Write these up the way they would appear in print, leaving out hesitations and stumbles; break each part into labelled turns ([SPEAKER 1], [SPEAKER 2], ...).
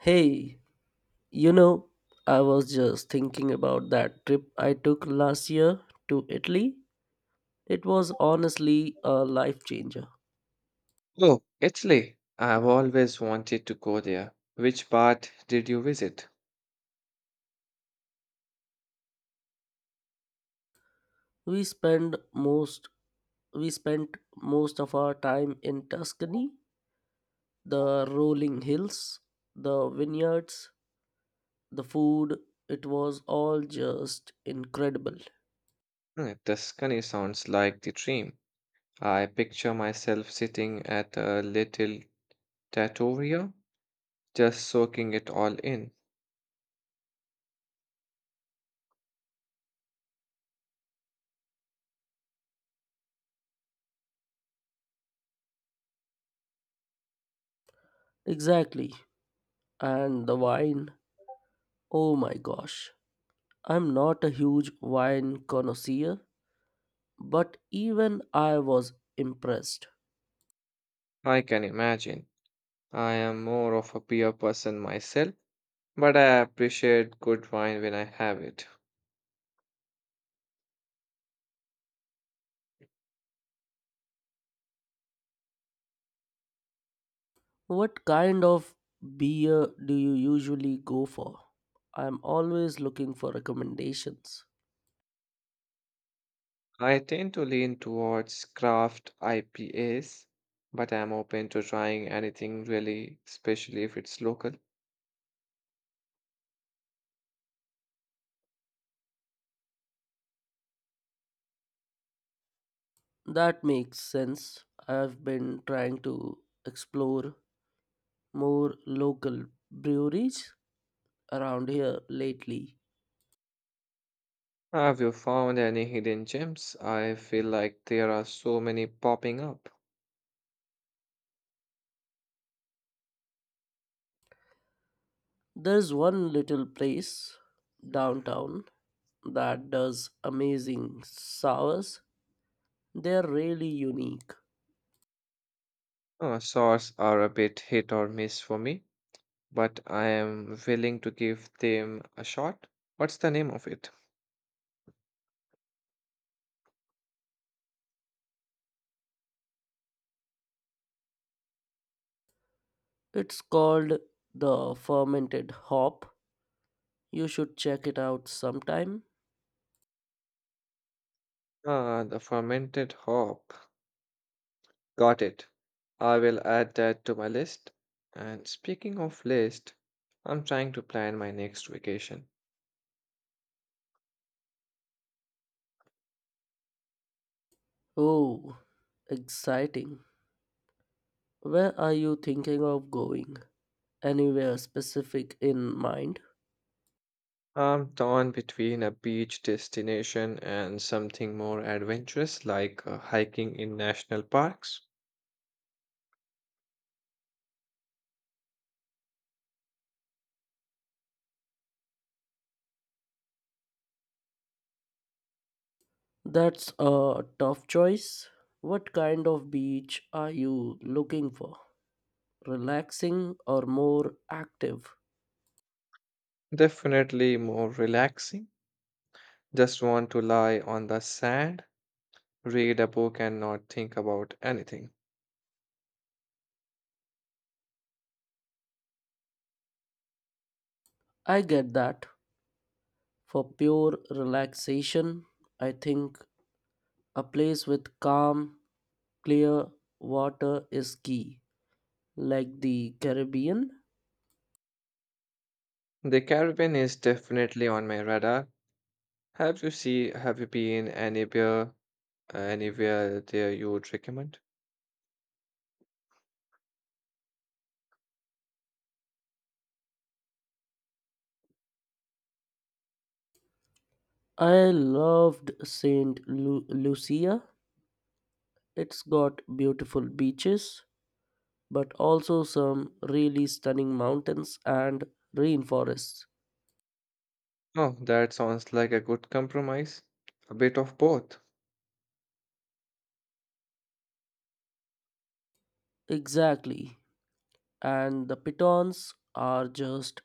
[SPEAKER 1] Hey, you know, I was just thinking about that trip I took last year to Italy. It was honestly a life changer.
[SPEAKER 2] Oh, Italy. I've always wanted to go there. Which part did you visit?
[SPEAKER 1] We spent most we spent most of our time in Tuscany, the rolling hills, the vineyards, the food, it was all just incredible.
[SPEAKER 2] Tuscany sounds like the dream. I picture myself sitting at a little trattoria, just soaking it all in.
[SPEAKER 1] Exactly. And the wine. Oh my gosh. I'm not a huge wine connoisseur, but even I was impressed.
[SPEAKER 2] I can imagine. I am more of a beer person myself, but I appreciate good wine when I have it.
[SPEAKER 1] What kind of beer do you usually go for? I'm always looking for recommendations.
[SPEAKER 2] I tend to lean towards craft IPAs, but I'm open to trying anything really, especially if it's local.
[SPEAKER 1] That makes sense. I've been trying to explore more local breweries around here lately.
[SPEAKER 2] Have you found any hidden gems? I feel like there are so many popping up.
[SPEAKER 1] There's one little place downtown that does amazing sours. They're really unique.
[SPEAKER 2] Sorts are a bit hit or miss for me, but I am willing to give them a shot. What's the name of it?
[SPEAKER 1] It's called the Fermented Hop. You should check it out sometime.
[SPEAKER 2] Ah, the fermented hop. Got it. I will add that to my list. And speaking of list, I'm trying to plan my next vacation.
[SPEAKER 1] Oh, exciting. Where are you thinking of going? Anywhere specific in mind?
[SPEAKER 2] I'm torn between a beach destination and something more adventurous like hiking in national parks.
[SPEAKER 1] That's a tough choice. What kind of beach are you looking for? Relaxing or more active?
[SPEAKER 2] Definitely more relaxing. Just want to lie on the sand, read a book, and not think about anything.
[SPEAKER 1] I get that. For pure relaxation, I think a place with calm, clear water is key, like the Caribbean.
[SPEAKER 2] The Caribbean is definitely on my radar. Have you see? Have you been anywhere there you would recommend?
[SPEAKER 1] I loved Lucia. It's got beautiful beaches, but also some really stunning mountains and rainforests.
[SPEAKER 2] Oh, that sounds like a good compromise. A bit of both.
[SPEAKER 1] Exactly. And the pitons are just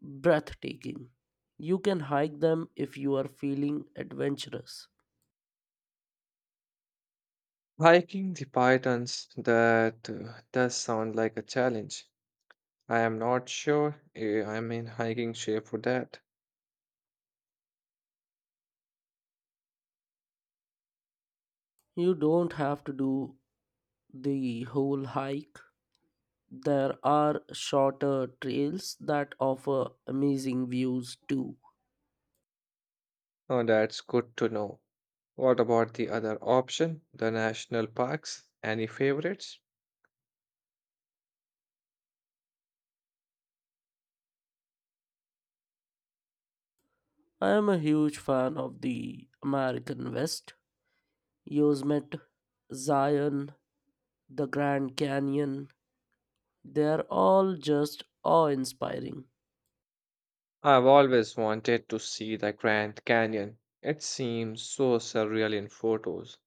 [SPEAKER 1] breathtaking. You can hike them if you are feeling adventurous.
[SPEAKER 2] Hiking the pythons, that does sound like a challenge. I am not sure I'm in hiking shape for that.
[SPEAKER 1] You don't have to do the whole hike. There are shorter trails that offer amazing views too.
[SPEAKER 2] Oh, that's good to know. What about the other option, the national parks? Any favorites?
[SPEAKER 1] I am a huge fan of the American West. Yosemite, Zion, the Grand Canyon, they're all just awe inspiring.
[SPEAKER 2] I've always wanted to see the Grand Canyon. It seems so surreal in photos.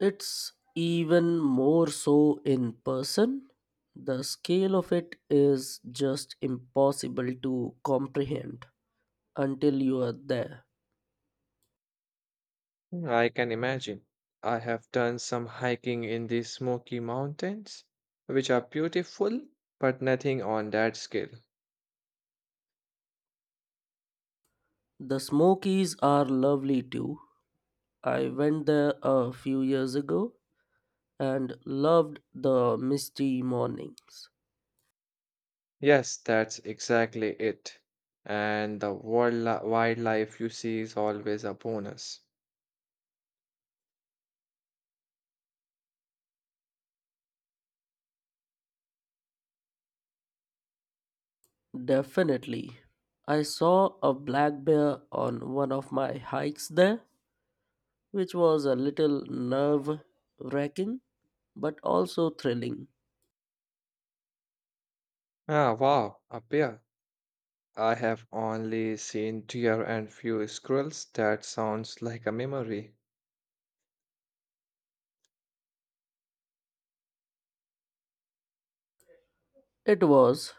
[SPEAKER 1] It's even more so in person. The scale of it is just impossible to comprehend until you are there.
[SPEAKER 2] I can imagine. I have done some hiking in the Smoky Mountains, which are beautiful, but nothing on that scale.
[SPEAKER 1] The Smokies are lovely too. I went there a few years ago and loved the misty mornings.
[SPEAKER 2] Yes, that's exactly it. And the wildlife you see is always a bonus.
[SPEAKER 1] Definitely. I saw a black bear on one of my hikes there, which was a little nerve wracking but also thrilling.
[SPEAKER 2] Ah, wow, a bear. I have only seen deer and few squirrels. That sounds like a memory.
[SPEAKER 1] It was.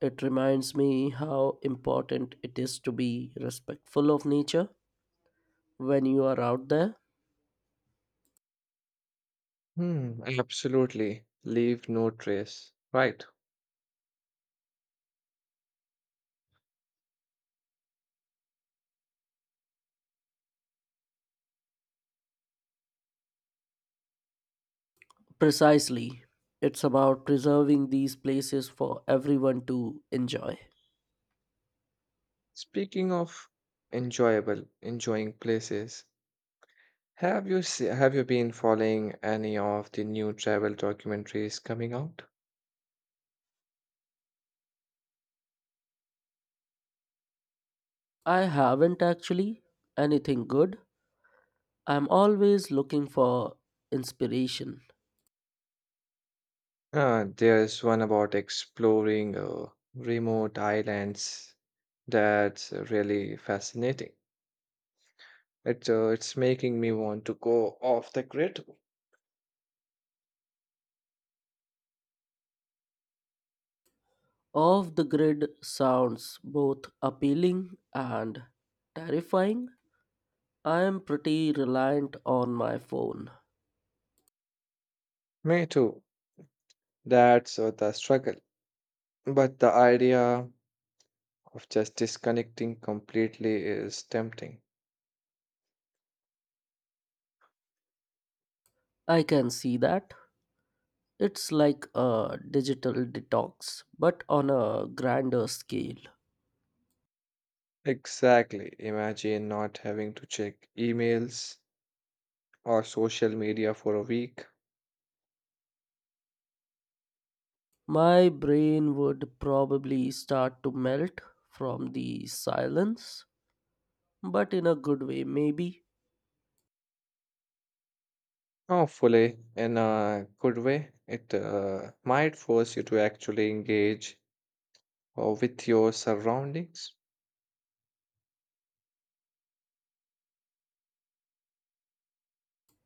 [SPEAKER 1] It reminds me how important it is to be respectful of nature when you are out there.
[SPEAKER 2] Hmm, absolutely. Leave no trace. Right.
[SPEAKER 1] Precisely. It's about preserving these places for everyone to enjoy.
[SPEAKER 2] Speaking of enjoying places, have you been following any of the new travel documentaries coming out?
[SPEAKER 1] I haven't actually anything good. I'm always looking for inspiration.
[SPEAKER 2] There's one about exploring remote islands that's really fascinating. It's making me want to go off the grid.
[SPEAKER 1] Off the grid sounds both appealing and terrifying. I am pretty reliant on my phone.
[SPEAKER 2] Me too. That's the struggle. But the idea of just disconnecting completely is tempting.
[SPEAKER 1] I can see that. It's like a digital detox, but on a grander scale.
[SPEAKER 2] Exactly. Imagine not having to check emails or social media for a week.
[SPEAKER 1] My brain would probably start to melt from the silence, but in a good way, maybe.
[SPEAKER 2] Hopefully, in a good way, it might force you to actually engage or with your surroundings.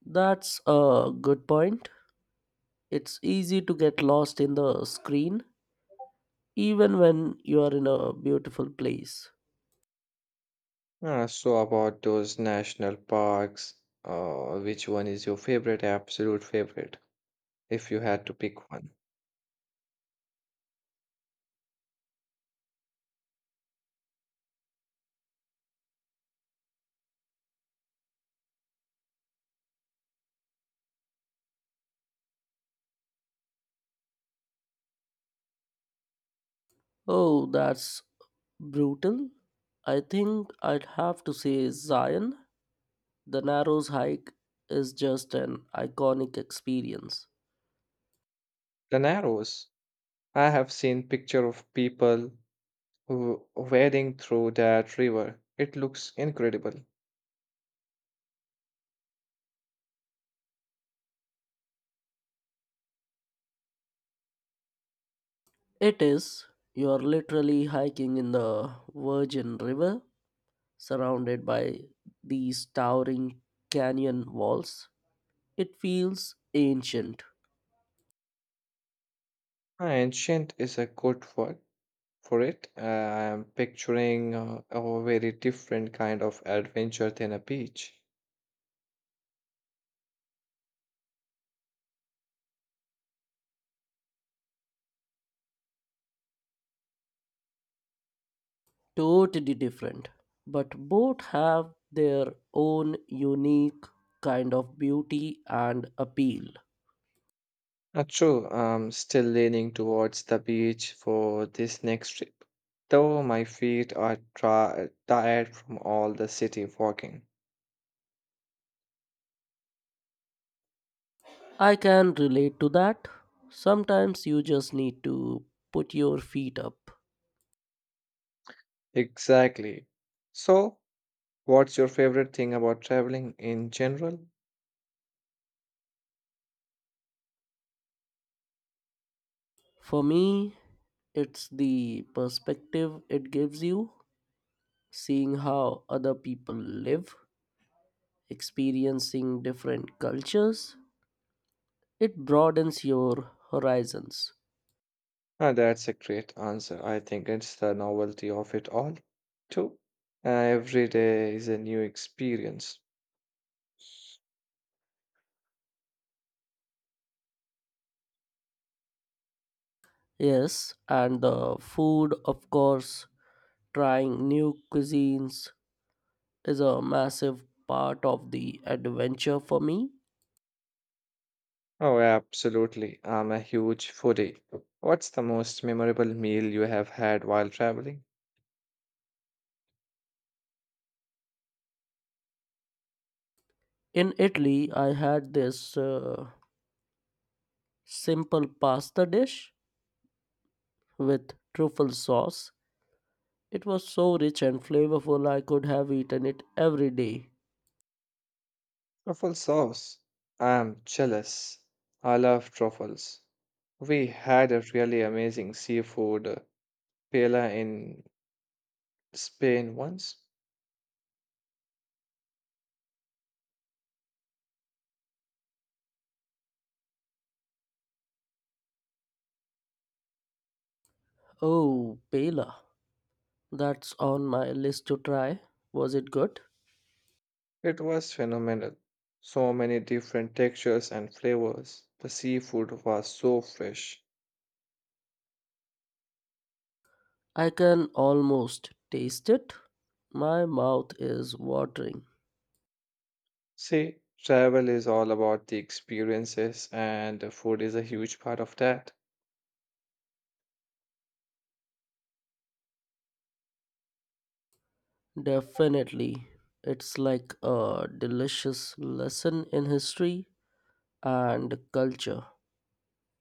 [SPEAKER 1] That's a good point. It's easy to get lost in the screen even when you are in a beautiful place.
[SPEAKER 2] So, about those national parks, which one is your favorite, absolute favorite, if you had to pick one?
[SPEAKER 1] Oh, that's brutal. I think I'd have to say Zion. The Narrows hike is just an iconic experience.
[SPEAKER 2] The Narrows. I have seen picture of people who wading through that river. It looks incredible.
[SPEAKER 1] It is. You are literally hiking in the Virgin River, surrounded by these towering canyon walls. It feels ancient.
[SPEAKER 2] Ancient is a good word for it. I am picturing a very different kind of adventure than a beach.
[SPEAKER 1] Totally different, but both have their own unique kind of beauty and appeal.
[SPEAKER 2] Not true, I'm still leaning towards the beach for this next trip, though my feet are tri tired from all the city walking.
[SPEAKER 1] I can relate to that. Sometimes you just need to put your feet up.
[SPEAKER 2] Exactly. So, what's your favorite thing about traveling in general?
[SPEAKER 1] For me, it's the perspective it gives you, seeing how other people live, experiencing different cultures. It broadens your horizons.
[SPEAKER 2] Ah, that's a great answer. I think it's the novelty of it all, too. Every day is a new experience.
[SPEAKER 1] Yes, and the food, of course, trying new cuisines is a massive part of the adventure for me.
[SPEAKER 2] Oh, absolutely. I'm a huge foodie. What's the most memorable meal you have had while traveling?
[SPEAKER 1] In Italy, I had this simple pasta dish with truffle sauce. It was so rich and flavorful, I could have eaten it every day.
[SPEAKER 2] Truffle sauce. I'm jealous. I love truffles. We had a really amazing seafood paella in Spain once.
[SPEAKER 1] Oh, paella. That's on my list to try. Was it good?
[SPEAKER 2] It was phenomenal. So many different textures and flavors. The seafood was so fresh.
[SPEAKER 1] I can almost taste it. My mouth is watering.
[SPEAKER 2] See, travel is all about the experiences, and the food is a huge part of that.
[SPEAKER 1] Definitely. It's like a delicious lesson in history and culture.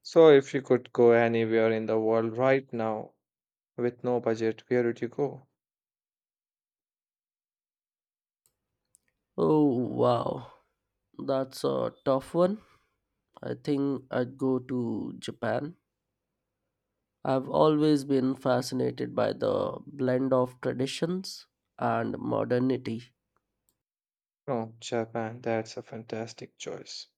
[SPEAKER 2] So, if you could go anywhere in the world right now with no budget, where would you go?
[SPEAKER 1] Oh, wow. That's a tough one. I think I'd go to Japan. I've always been fascinated by the blend of traditions and modernity.
[SPEAKER 2] Oh, Japan, that's a fantastic choice.